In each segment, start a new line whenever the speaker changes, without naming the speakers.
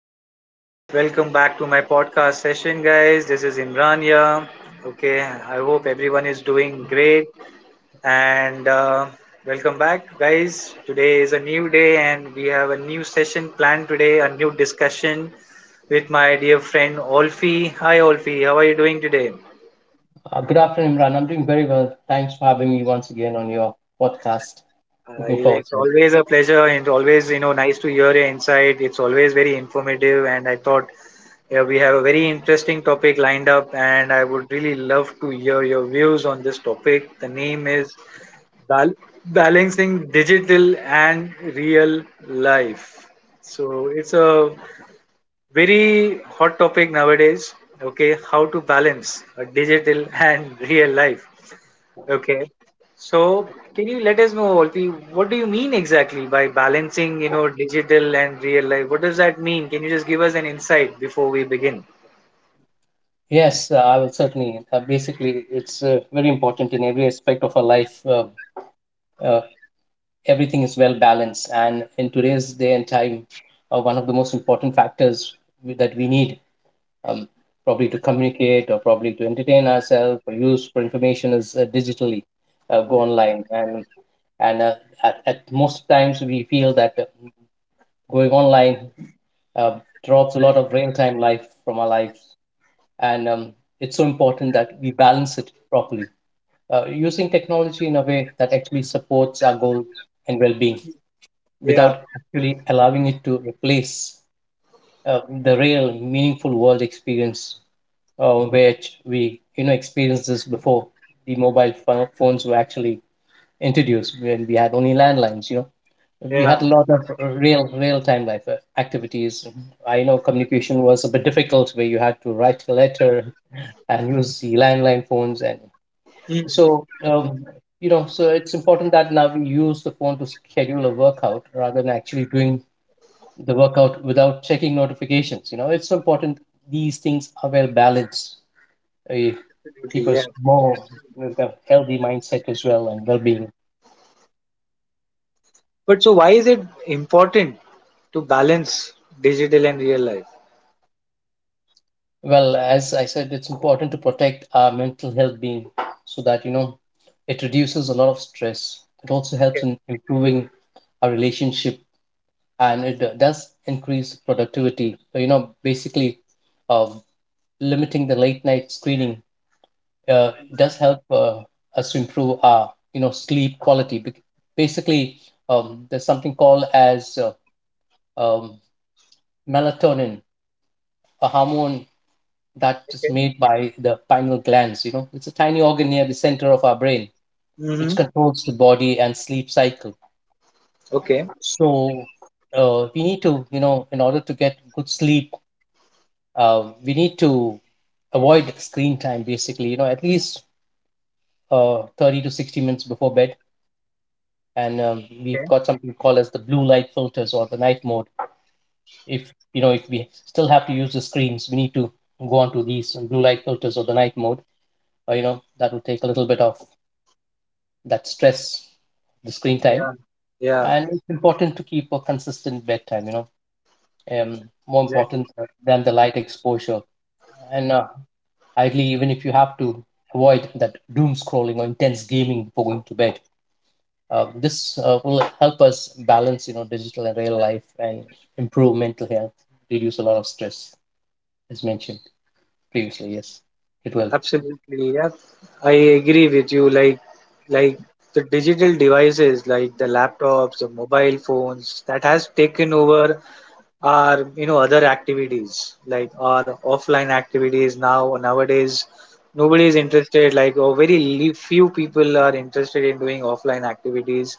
Everyone. Welcome back to my podcast session, guys. This is Imran here. Okay, I hope everyone is doing great. And welcome back, guys. Today is a new day, and we have a new session planned today, a new discussion with my dear friend Olfi. Hi, Olfi. How are you doing today?
Good afternoon, Imran. I'm doing very well. Thanks for having me once again on your podcast.
Uh,
Looking forward
it's
to it.
always a pleasure and always, nice to hear your insight. It's always very informative, and I thought. Yeah, we have a very interesting topic lined up, and I would really love to hear your views on this topic. The name is Bal- Balancing Digital and Real Life. So it's a very hot topic nowadays. Okay, how to balance a digital and real life. Okay. So can you let us know, Olfi, what do you mean exactly by balancing, digital and real life? What does that mean? Can you just give us an insight before we begin?
Yes, I will certainly. Basically, it's very important in every aspect of our life. Uh, Everything is well balanced. And in today's day and time, one of the most important factors that we need, um, probably to communicate or probably to entertain ourselves or use for information, is digitally go online. And at most times, we feel that going online uh, drops a lot of real time life from our lives. And It's so important that we balance it properly, using technology in a way that actually supports our goals and well being,
Yeah,
without actually allowing it to replace the real meaningful world experience, which we, you know, experienced this before the phones were actually introduced. When we had only landlines, you know, we had
yeah.
a lot of real time life activities. I know communication was a bit difficult, where you had to write a letter and use the landline phones. And
Hmm,
so um, so it's important that now we use the phone to schedule a workout rather than actually doing the workout without checking notifications. You know, it's so important these things are well balanced, uh,
absolutely,
keep
yeah.
us more with a healthy mindset as well, and well-being.
But so why is it important to balance digital and real life?
Well, as I said, it's important to protect our mental health being, so that, you know, it reduces a lot of stress. It also
Okay.
helps in improving our relationship, and it does increase productivity. So, you know, basically, uh, limiting the late night screening does help us to improve our, you know, sleep quality. Basically, there's something called as um, melatonin, a hormone that is
Okay.
made by the pineal glands. You know, it's a tiny organ near the center of our brain, which
Mm-hmm.
controls the body and sleep cycle.
Okay.
So, we need to, you know, in order to get good sleep, we need to avoid screen time, basically, you know, at least 30 to 60 minutes before bed. And
Okay.
We've got something called as the blue light filters or the night mode. If, you know, if we still have to use the screens, we need to go on to these blue light filters or the night mode. You know, that will take a little bit of that stress, the screen time,
Yeah. Yeah.
and it's important to keep a consistent bedtime. You know, um, more
Exactly.
important than the light exposure, and ideally, even if you have to, avoid that doom scrolling or intense gaming before going to bed. This will help us balance, you know, digital and real life, and improve mental health, reduce a lot of stress, as mentioned previously. Yes, it will.
Absolutely, yeah. I agree with you. Like, the digital devices, like the laptops, the mobile phones, that has taken over our, other activities, like our offline activities now nowadays. Nobody is interested, like, or very few people are interested in doing offline activities,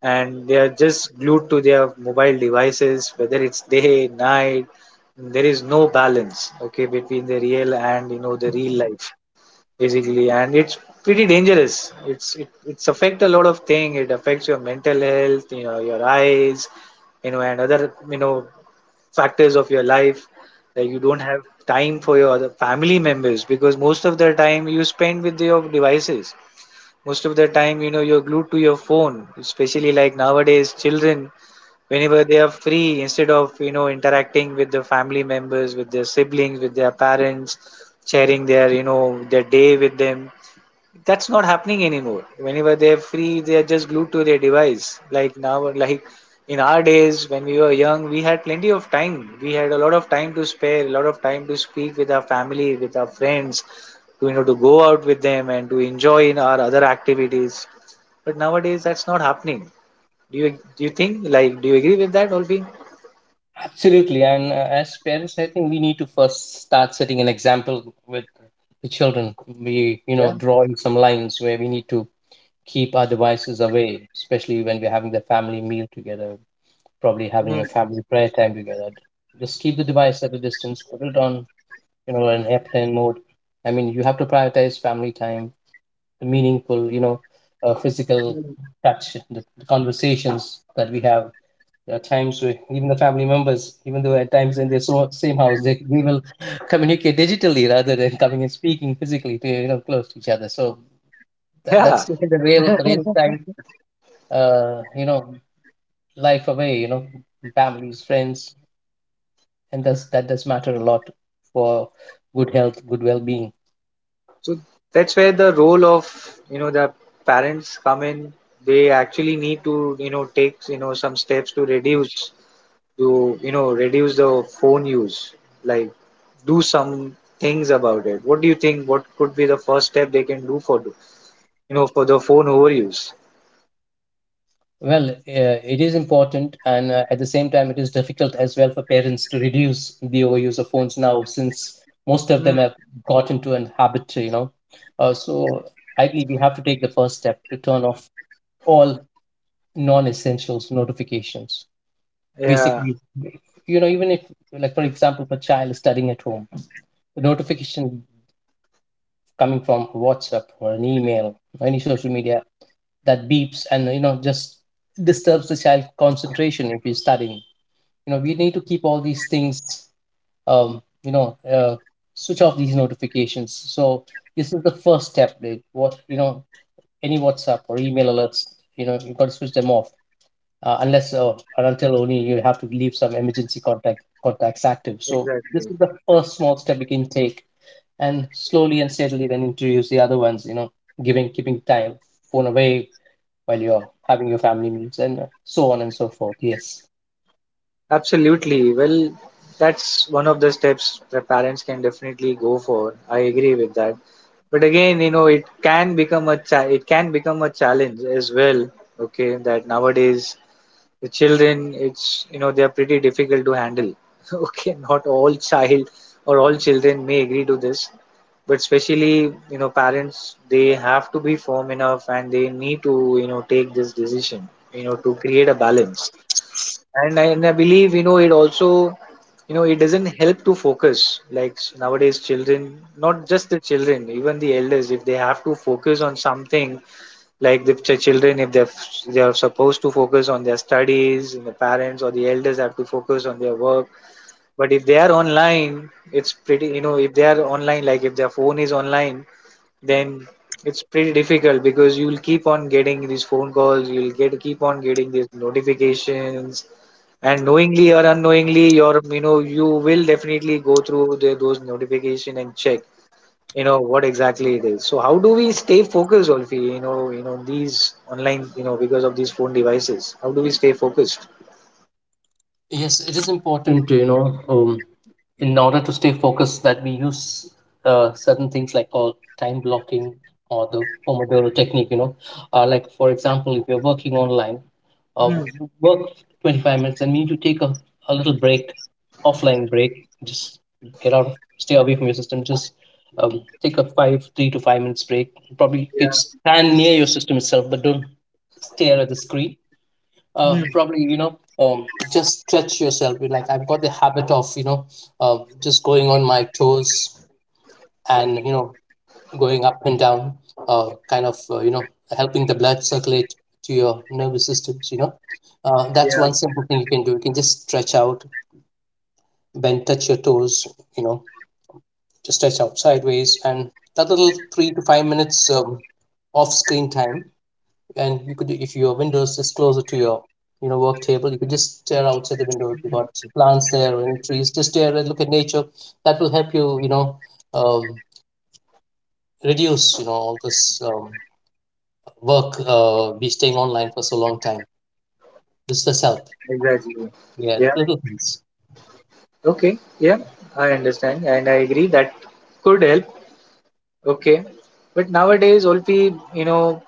and they are just glued to their mobile devices, whether it's day, night. There is no balance, okay, between the real and, the real life, basically, and it's pretty dangerous. It's affect a lot of thing. It affects your mental health, your eyes, and other factors of your life, like you don't have time for your other family members, because most of the time you spend with your devices, most of the time you're glued to your phone, especially like nowadays children, whenever they are free, instead of interacting with the family members, with their siblings, with their parents, sharing their you know their day with them. That's not happening anymore. Whenever they're free, they're just glued to their device, like now, like in our days when we were young. We had plenty of time, we had a lot of time to spare, a lot of time to speak with our family, with our friends, to to go out with them and to enjoy in our other activities. But nowadays, that's not happening. Do you do you think, like, do you agree with that, Olvi?
Absolutely. And as parents, I think we need to first start setting an example with the children. We, you
Yeah.
know, drawing some lines where we need to keep our devices away, especially when we're having the family meal together, probably
Mm.
having a family prayer time together. Just keep the device at a distance, put it on, you know, an airplane mode. I mean, you have to prioritize family time, the meaningful, you know, physical
Mm.
touch, the conversations that we have. There are times where even the family members, even though at times in their same house, they will communicate digitally rather than coming and speaking physically to, you know, close to each other. So that's
Yeah.
taking the real time, you know, life away. You know, families, friends, and thus that does matter a lot for good health, good well being.
So that's where the role of the parents come in. They actually need to take, some steps to reduce, to reduce the phone use. Like, do some things about it. What do you think? What could be the first step they can do for the phone overuse?
Well, it is important, and at the same time, it is difficult as well for parents to reduce the overuse of phones now, since most of
Hmm.
them have gotten to an habit, you know. So, ideally, we have to take the first step to turn off all non-essentials notifications.
Yeah,
Basically, you know, even if, like for example, if a child is studying at home, the notification coming from WhatsApp or an email, or any social media that beeps and, you know, just disturbs the child concentration if he's studying, you know, we need to keep all these things, you know, switch off these notifications. So this is the first step, like, what, you know, any WhatsApp or email alerts, you know, you've got to switch them off, unless, or until — only you have to leave some emergency contacts active. So this
exactly.
is the first small step you can take, and slowly and steadily then introduce the other ones, you know, giving keeping time, phone away while you're having your family meals, and so on and so forth. Yes.
Absolutely. Well, that's one of the steps that parents can definitely go for. I agree with that. But again, it can become a challenge as well. Okay, that nowadays the children, it's, they are pretty difficult to handle. Okay, not all child or all children may agree to this, but especially, parents, they have to be firm enough and they need to, take this decision, to create a balance. And I believe, it also, it doesn't help to focus. Like, nowadays, children, not just the children, even the elders, if they have to focus on something, like the children, if they are supposed to focus on their studies, and the parents or the elders have to focus on their work. But if they are online, it's pretty, if they are online, like if their phone is online, then it's pretty difficult, because you'll keep on getting these phone calls, you'll get keep on getting these notifications, and knowingly or unknowingly, you're you know you will definitely go through those notification and check, what exactly it is. So how do we stay focused, Olfi? These online, because of these phone devices, how do we stay focused?
Yes, it is important, to, you know, in order to stay focused, that we use certain things like called time blocking or the Pomodoro technique, you know. Like, for example, if you're working online,
Hmm.
um, work 25 minutes and we need to take a little break, offline break, just get out, stay away from your system, just take a 3 to 5 minutes break. Probably you could
Yeah.
stand near your system itself, but don't stare at the screen.
Hmm.
Probably, you know, just stretch yourself. You, like, I've got the habit of, you know, just going on my toes, and, you know, going up and down, kind of, you know, helping the blood circulate to your nervous systems, you know. That's
Yeah,
one simple thing you can do. You can just stretch out, bend, touch your toes, you know, just stretch out sideways. And that little 3 to 5 minutes off screen time. And you could, if your windows is just closer to your, you know, work table, you could just stare outside the window. If you got some plants there or any trees, just stare and look at nature. That will help you, you know, um, reduce, you know, all this work, be staying online for so long time. This does help.
exactly.
Yeah,
Yeah.
little things.
Okay. Yeah, I understand, and I agree that could help. Okay. But nowadays, Olpi,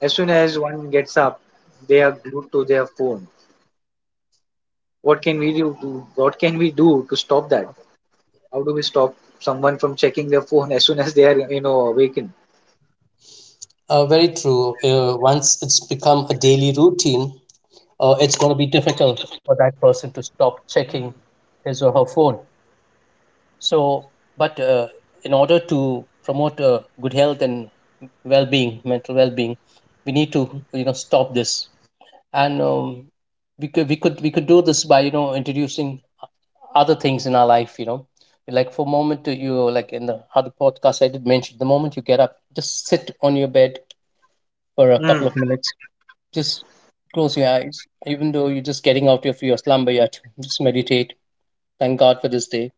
as soon as one gets up, they are glued to their phone. What can we do? What can we do to stop that? How do we stop someone from checking their phone as soon as they are, awakened?
Very true. Once it's become a daily routine, it's going to be difficult for that person to stop checking his or her phone. So, but in order to promote good health and well-being, mental well-being, we need to, you know, stop this, and we could do this by, you know, introducing other things in our life. You know, like for a moment, you, like, in the other podcast I did mention, the moment you get up, just sit on your bed for a
Hmm.
couple of minutes, just close your eyes, even though you're just getting out of your slumber yet, just meditate. Thank God for this day.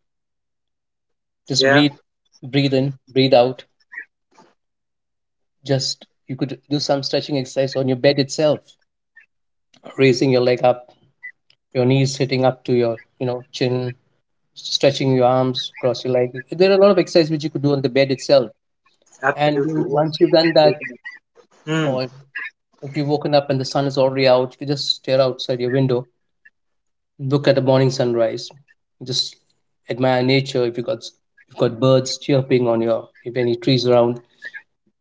Just
Yeah,
breathe, breathe in, breathe out. Just, you could do some stretching exercise on your bed itself, raising your leg up, your knees sitting up to your, you know, chin, stretching your arms, cross your leg. There are a lot of exercises which you could do on the bed itself.
absolutely. Yes,
Once you've done
they
that,
can. Mm,
or if you've woken up and the sun is already out, you could just stare outside your window, look at the morning sunrise, just admire nature. If you've got birds chirping on your, if any trees around,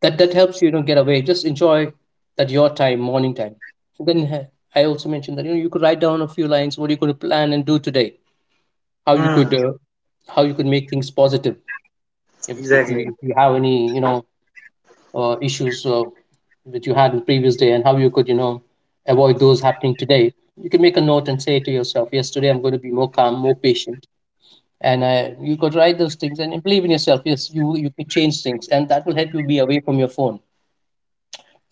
that helps you, you know, get away. Just enjoy that, your time, morning time. And then I also mentioned that, you know, you could write down a few lines: what are you going to plan and do today, how you could
mm,
uh, how you could make things positive, if, if you
exactly.
if you have any, you know, issues, that you had in the previous day, and how you could, you know, avoid those happening today. You can make a note and say to yourself, yes, today I'm going to be more calm, more patient. And you could write those things and believe in yourself, yes, you could change things, and that will help you be away from your phone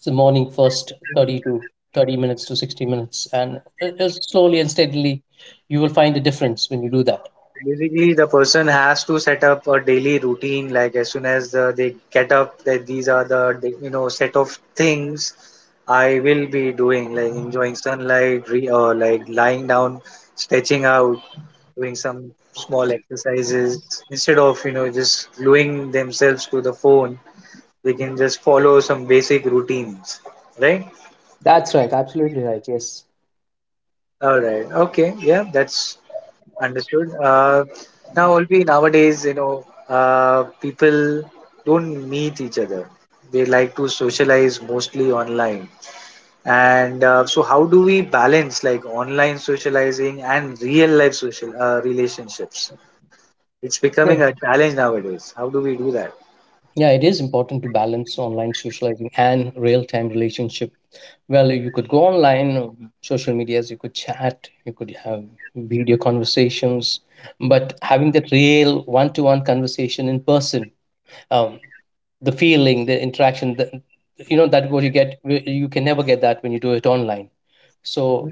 the morning first 30
Mm.
to 30 minutes to 60 minutes. And slowly and steadily you will find a difference when you do that.
Basically, the person has to set up a daily routine. Like, as soon as they get up, that these are the set of things I will be doing, like enjoying sunlight, re or like lying down, stretching out, doing some small exercises, instead of just gluing themselves to the phone. They can just follow some basic routines, right?
That's right. Absolutely right. Yes.
All right. Okay. Yeah, that's understood. Now, Olvi, nowadays, people don't meet each other. They like to socialize mostly online. And so, how do we balance, like, online socializing and real life social relationships? It's becoming a
yeah
challenge nowadays. How do we do that?
yeah, it is important to balance online socializing and real-time relationship. Well, you could go online, social medias, you could chat, you could have video conversations, but having that real one-to-one conversation in person, um, the feeling, the interaction, you know, that what you get, you can never get that when you do it online.
Mm,
So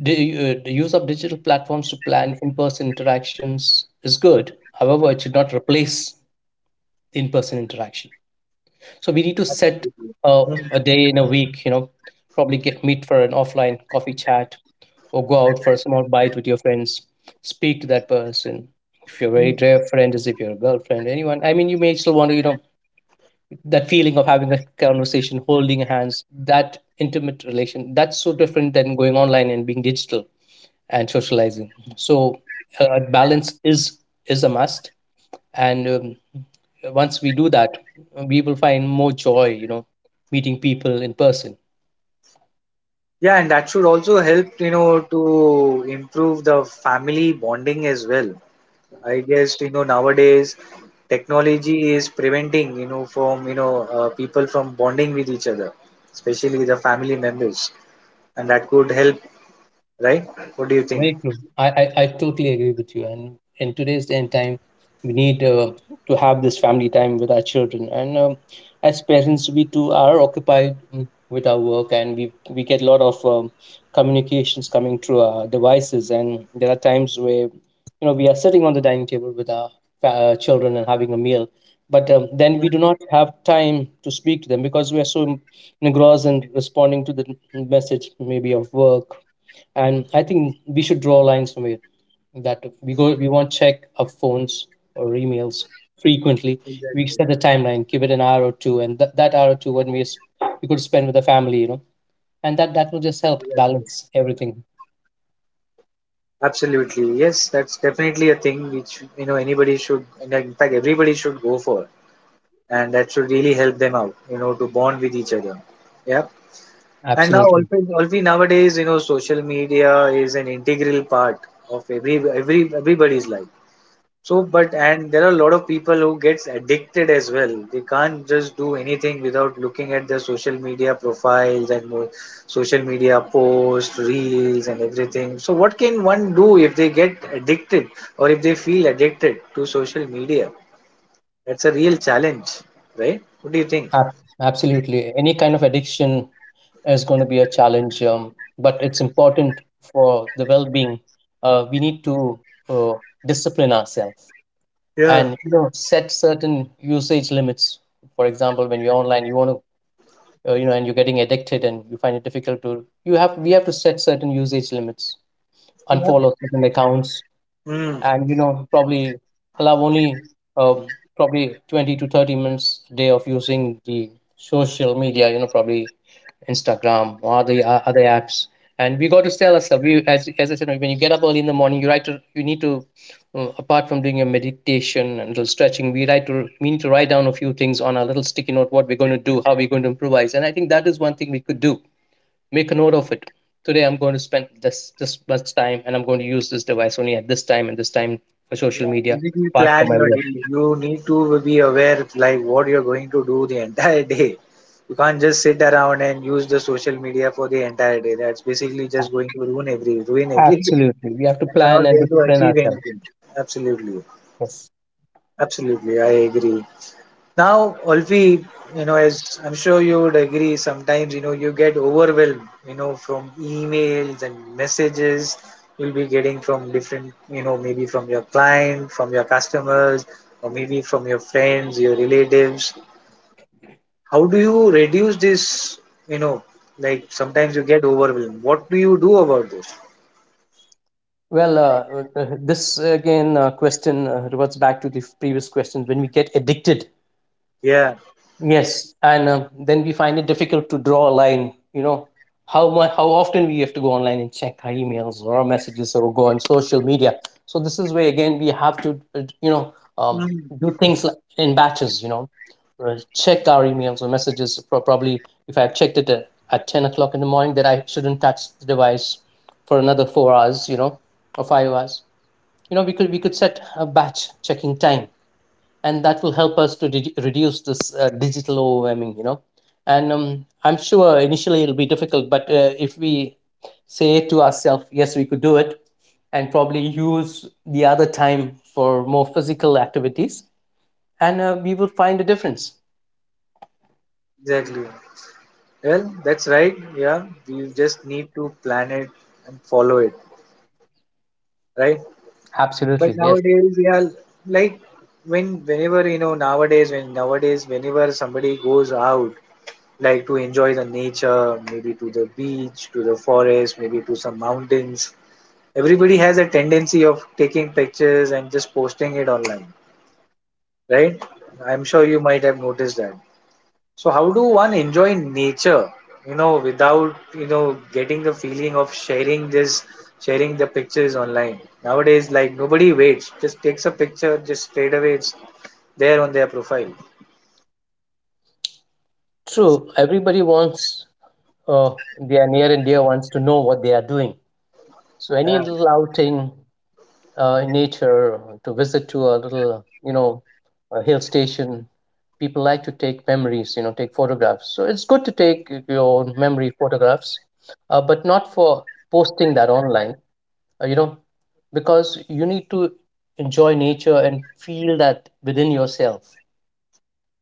the use of digital platforms to plan in-person interactions is good, however it should not replace the in-person interaction. So we need to set
absolutely.
uh,
Mm,
a day in a week, you know, probably get meet for an offline coffee chat or go out for a small bite with your friends, speak to that person. If you're a very dear
mm.
friend, as if you're a girlfriend, anyone, I mean, you may still want to, you know, that feeling of having a conversation, holding hands, that intimate relation, that's so different than going online and being digital and socializing. So balance is a must, and once we do that, we will find more joy, you know, meeting people in person.
Yeah, and that should also help, to improve the family bonding as well. I guess nowadays technology is preventing, from, people from bonding with each other, especially the family members, and that could help, right? What do you think?
Very true. I totally agree with you. And in today's day and time, we need to have this family time with our children. And as parents, we too are occupied, with our work, and we get a lot of communications coming through our devices. And there are times where, you know, we are sitting on the dining table with our children and having a meal, but
Yeah,
then we do not have time to speak to them because we are so engrossed in responding to the, message maybe of work. And I think we should draw a line somewhere, that we won't check our phones or emails frequently.
exactly,
We set a timeline, give it an hour or two, and that hour or two, when we could spend with the family, you know, and that will just help
exactly.
balance everything.
Absolutely. Yes, that's definitely a thing which, anybody should, in fact, everybody should go. And that should really help them out, to bond with each other. Yeah. And now,
Absolutely.
also nowadays, social media is an integral part of everybody's life. So, but, and there are a lot of people who gets addicted as well. They can't just do anything without looking at their social media profiles and more social media posts, reels, and everything. So, what can one do if they get addicted or if they feel addicted to social media? That's a real challenge, right? What do you think?
Ab- Absolutely, any kind of addiction is going to be a challenge, but it's important for the well-being. We need to uh, discipline ourselves
Yeah.
and, you know, set certain usage limits. For example, when you're online, you want to, you know, and you're getting addicted and you find it difficult to. To have, we have, we set certain certain usage limits. Unfollow certain accounts
Yep.
and, you know, probably allow only uh, probably 20 to 30 minutes a day of using the social media, you know, probably Instagram or the other apps. And we got to tell ourselves, we, as I said, when you get up early in the morning, you need to apart from doing your meditation and little stretching, we need to write down a few things on our little sticky note, what we're going to do, how we're going to improvise. And I think that is one thing we could do. Make a note of it. Today I'm going to spend this this much time, and I'm going to use this device only at this time and this time for
Yeah,
social media
basically,
apart
plan
from my
your
work.
day. You need to be aware, like, what you're going to do the entire day. You can't just sit around and use the social media for the entire day. That's basically just going to ruin everything,
Absolutely, we have to
and you're
plan
not
and
going to
discipline
achieve
ourselves.
anything. Absolutely,
Yes.
absolutely, I agree. Now, Olfi, as I'm sure you would agree, sometimes, you get overwhelmed, from emails and messages you'll be getting from different, maybe from your client, from your customers, or maybe from your friends, your relatives. How do you reduce this, you know, like sometimes you get overwhelmed. What do you do about this?
Well, this again, question reverts back to the previous question, when we get addicted.
Yeah.
Yes, and then we find it difficult to draw a line. You know, how much, how often we have to go online and check our emails or our messages or go on social media. So this is where again we have to, you know, do things like in batches. You know, check our emails or messages. For probably if I've checked it at 10 o'clock in the morning, that I shouldn't touch the device for another 4 hours. You know, or 5 hours. You know, we could, we could set a batch checking time, and that will help us to reduce this digital overwhelming, you know. And I'm sure initially it'll be difficult, but if we say to ourselves, yes, we could do it, and probably use the other time for more physical activities, and we will find a difference.
Exactly. Well, that's right. Yeah, we just need to plan it and follow it, right? But
Absolutely, yes.
nowadays, yeah, like whenever, nowadays, when nowadays whenever somebody goes out, like to enjoy the nature, maybe to the beach, to the forest, maybe to some mountains, everybody has a tendency of taking pictures and just posting it online, right? I'm sure you might have noticed that. So how do one enjoy nature, without, getting the feeling of sharing this, sharing the pictures online? Nowadays, like, nobody waits, just takes a picture, just straight away it's there on their profile.
True, everybody wants uh, their near and dear ones to know what they are doing. So any
Yeah.
little outing in nature, to visit to a little, you know, a hill station. People like to take memories, you know, take photographs. So it's good to take your memory photographs, but not for posting that online, you know, because you need to enjoy nature and feel that within yourself.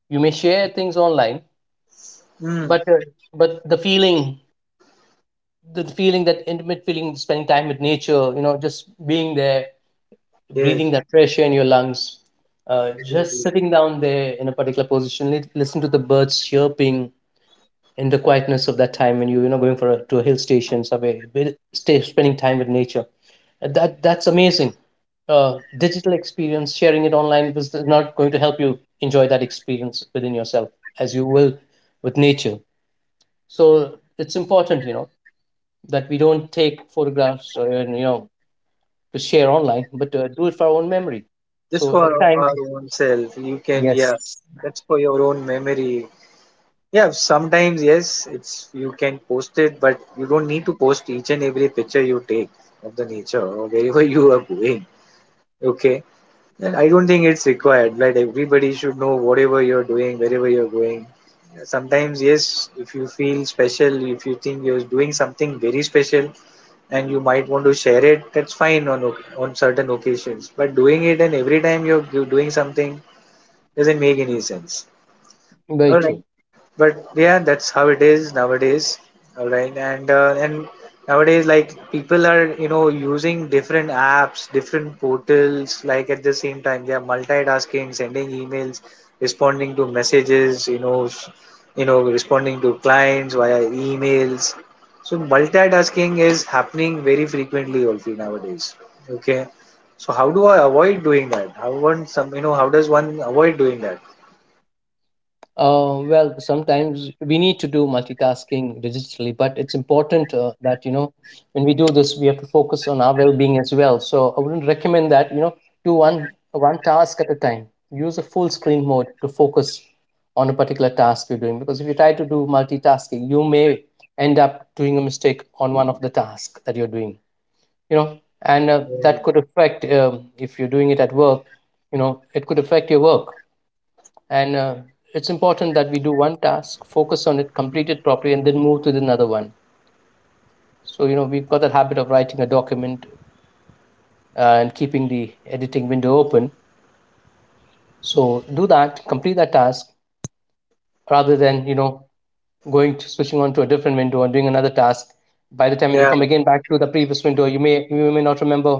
You may share things online,
Mm,
but the feeling, the feeling, that intimate feeling, spending time with nature, you know, just being there,
yes,
breathing that fresh air in your lungs, just
exactly.
sitting down there in a particular position, listen to the birds chirping in the quietness of that time, when you know, going to a hill station somewhere, stay spending time with nature. That that's amazing. Digital experience, sharing it online was not going to help you enjoy that experience within yourself as you will with nature. So it's important, you know, that we don't take photographs and, you know, to share online, but do it for our own memory.
Just
So
for
at times
our own self, you can, yeah,
yes,
that's for your own memory. Yeah, sometimes yes, it's you can post it, but you don't need to post each and every picture you take of the nature or wherever you are going. Okay. Then I don't think it's required. Like, everybody should know whatever you're doing, wherever you're going. Sometimes, yes, if you feel special, if you think you're doing something very special and you might want to share it, that's fine on certain occasions. But doing it, and every time doing something doesn't make any sense.
very
All right.
true.
But yeah, that's how it is nowadays. All right. And nowadays, like people are, using different apps, different portals, like at the same time, they are multitasking, sending emails, responding to messages, responding to clients via emails. So multitasking is happening very frequently also nowadays. Okay. So how do I avoid doing that? How one some, you know, how does one avoid doing that?
Well, sometimes we need to do multitasking digitally, but it's important that, you know, when we do this, we have to focus on our well-being as well. So I wouldn't recommend that. You know, do one task at a time. Use a full screen mode to focus on a particular task you're doing, because if you try to do multitasking, you may end up doing a mistake on one of the tasks that you're doing. You know, and that could affect, if you're doing it at work. You know, it could affect your work. And it's important that we do one task, focus on it, complete it properly, and then move to the another one. So you know, we've got that habit of writing a document, and keeping the editing window open, so do that, complete that task, rather than, you know, going to switching on to a different window and doing another task. By the time
Yeah,
you come again back to the previous window, you may, you may not remember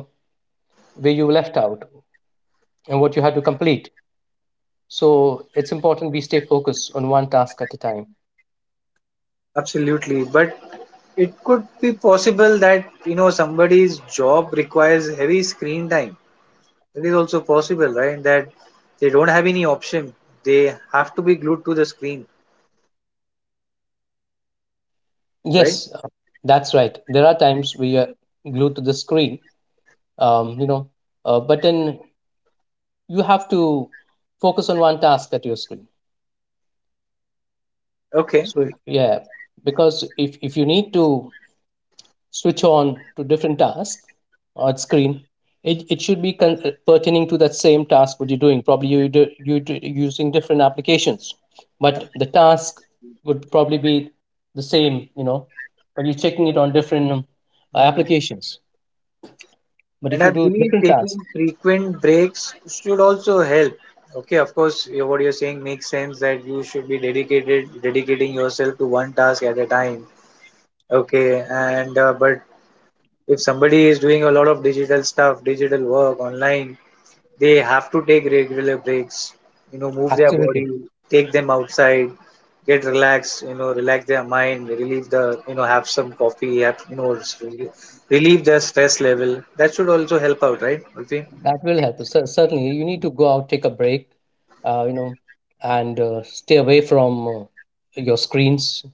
where you left out and what you had to complete. So it's important we stay focused on one task at a time.
absolutely. But it could be possible that, somebody's job requires heavy screen time. It is also possible, right? That they don't have any option. They have to be glued to the screen, right?
Yes, that's right. There are times we are glued to the screen, you know, but then you have to focus on one task at your screen.
Okay.
So yeah, because if you need to switch on to different tasks on screen, it should be pertaining to that same task what you're doing. Probably you do, using different applications, but the task would probably be the same, you know, but you're checking it on different,
Hmm.
applications. But
And
if
I
you do
believe
different
taking
tasks,
frequent breaks should also help. Okay, of course, what you're saying makes sense, that you should be dedicating yourself to one task at a time. Okay, and but if somebody is doing a lot of digital stuff, digital work online, they have to take regular breaks, move their
absolutely,
body, take them outside, get relaxed, relax their mind, relieve the, you know, have some coffee, relieve the stress level. That should also help out, right, Ulfi?
that will help. So certainly, you need to go out, take a break, you know, and stay away from your screens.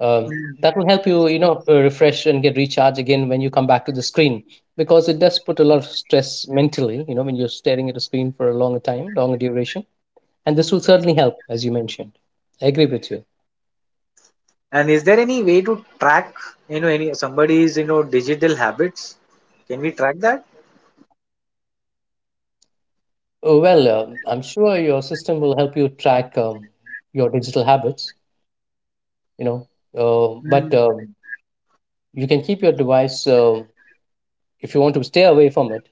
Um,
Hmm.
that will help you, you know, refresh and get recharged again when you come back to the screen, because it does put a lot of stress mentally, you know, when you're staring at a screen for a longer time, longer duration. And this will certainly help, as you mentioned. I agree with you.
And is there any way to track, any somebody's, digital habits? Can we track that?
Well, I'm sure your system will help you track, your digital habits, you know. But
Uh
you can keep your device, if you want to stay away from it,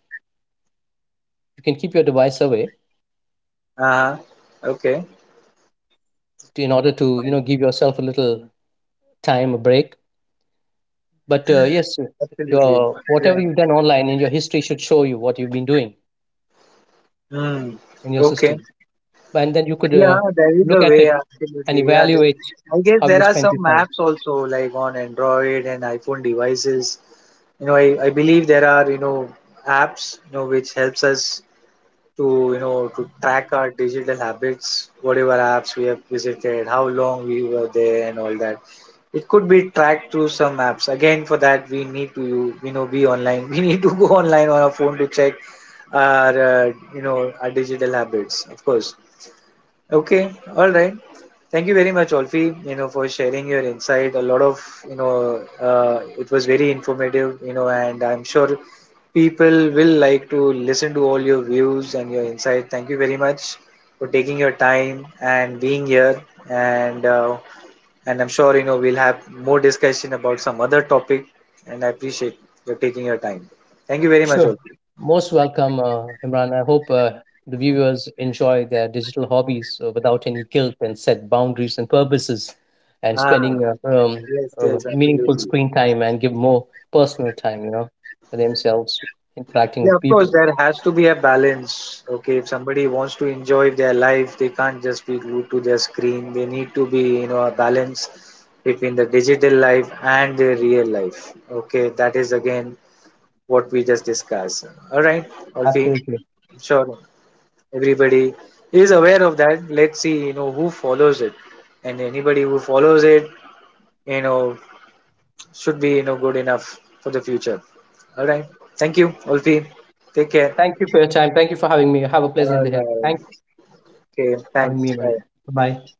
you can keep your device away,
huh. Okay.
to, in order to, you know,
Fine.
give yourself a little time, a break. But yes,
Absolutely.
your whatever
Yeah.
you've done online in your history should show you what you've been doing
Hmm.
in your
Okay.
system, and then you could,
Yeah, there is
look
a
at
way,
it and
absolutely. Yeah,
evaluate
I guess
how you
there are
spent
some
your time.
apps also, like on Android and iPhone devices. I believe there are, apps, which helps us to, to track our digital habits, whatever apps we have visited, how long we were there and all that. It could be tracked through some apps. Again, for that we need to, be online. We need to go online on our phone to check our digital habits, of course. Okay, all right. Thank you very much, Olfi, for sharing your insight. A lot of, you know, it was very informative, and I'm sure people will like to listen to all your views and your insight. Thank you very much for taking your time and being here. And uh, and I'm sure we'll have more discussion about some other topic. And I appreciate you taking your time. Thank you very much,
Sure.
Olfi.
Most welcome, Imran. I hope the viewers enjoy their digital hobbies without any guilt, and set boundaries and purposes, and
Ah,
spending
yes, yes,
meaningful
absolutely.
screen time, and give more personal time, you know, for themselves, interacting
Yeah,
with
of
people.
course, there has to be a balance. Okay, if somebody wants to enjoy their life, they can't just be glued to their screen. They need to be, a balance between the digital life and their real life. Okay, that is again what we just discussed. All right, Alfie,
Absolutely.
I'm sure everybody is aware of that. Let's see, who follows it. And anybody who follows it, you know, should be, good enough for the future. All right. Thank you, Alfie. Take care.
Thank you for your time. Thank you for having me. Have a
All
pleasant day. Thank you
right. Okay,
for having
thanks.
me, man.
Bye.
Bye.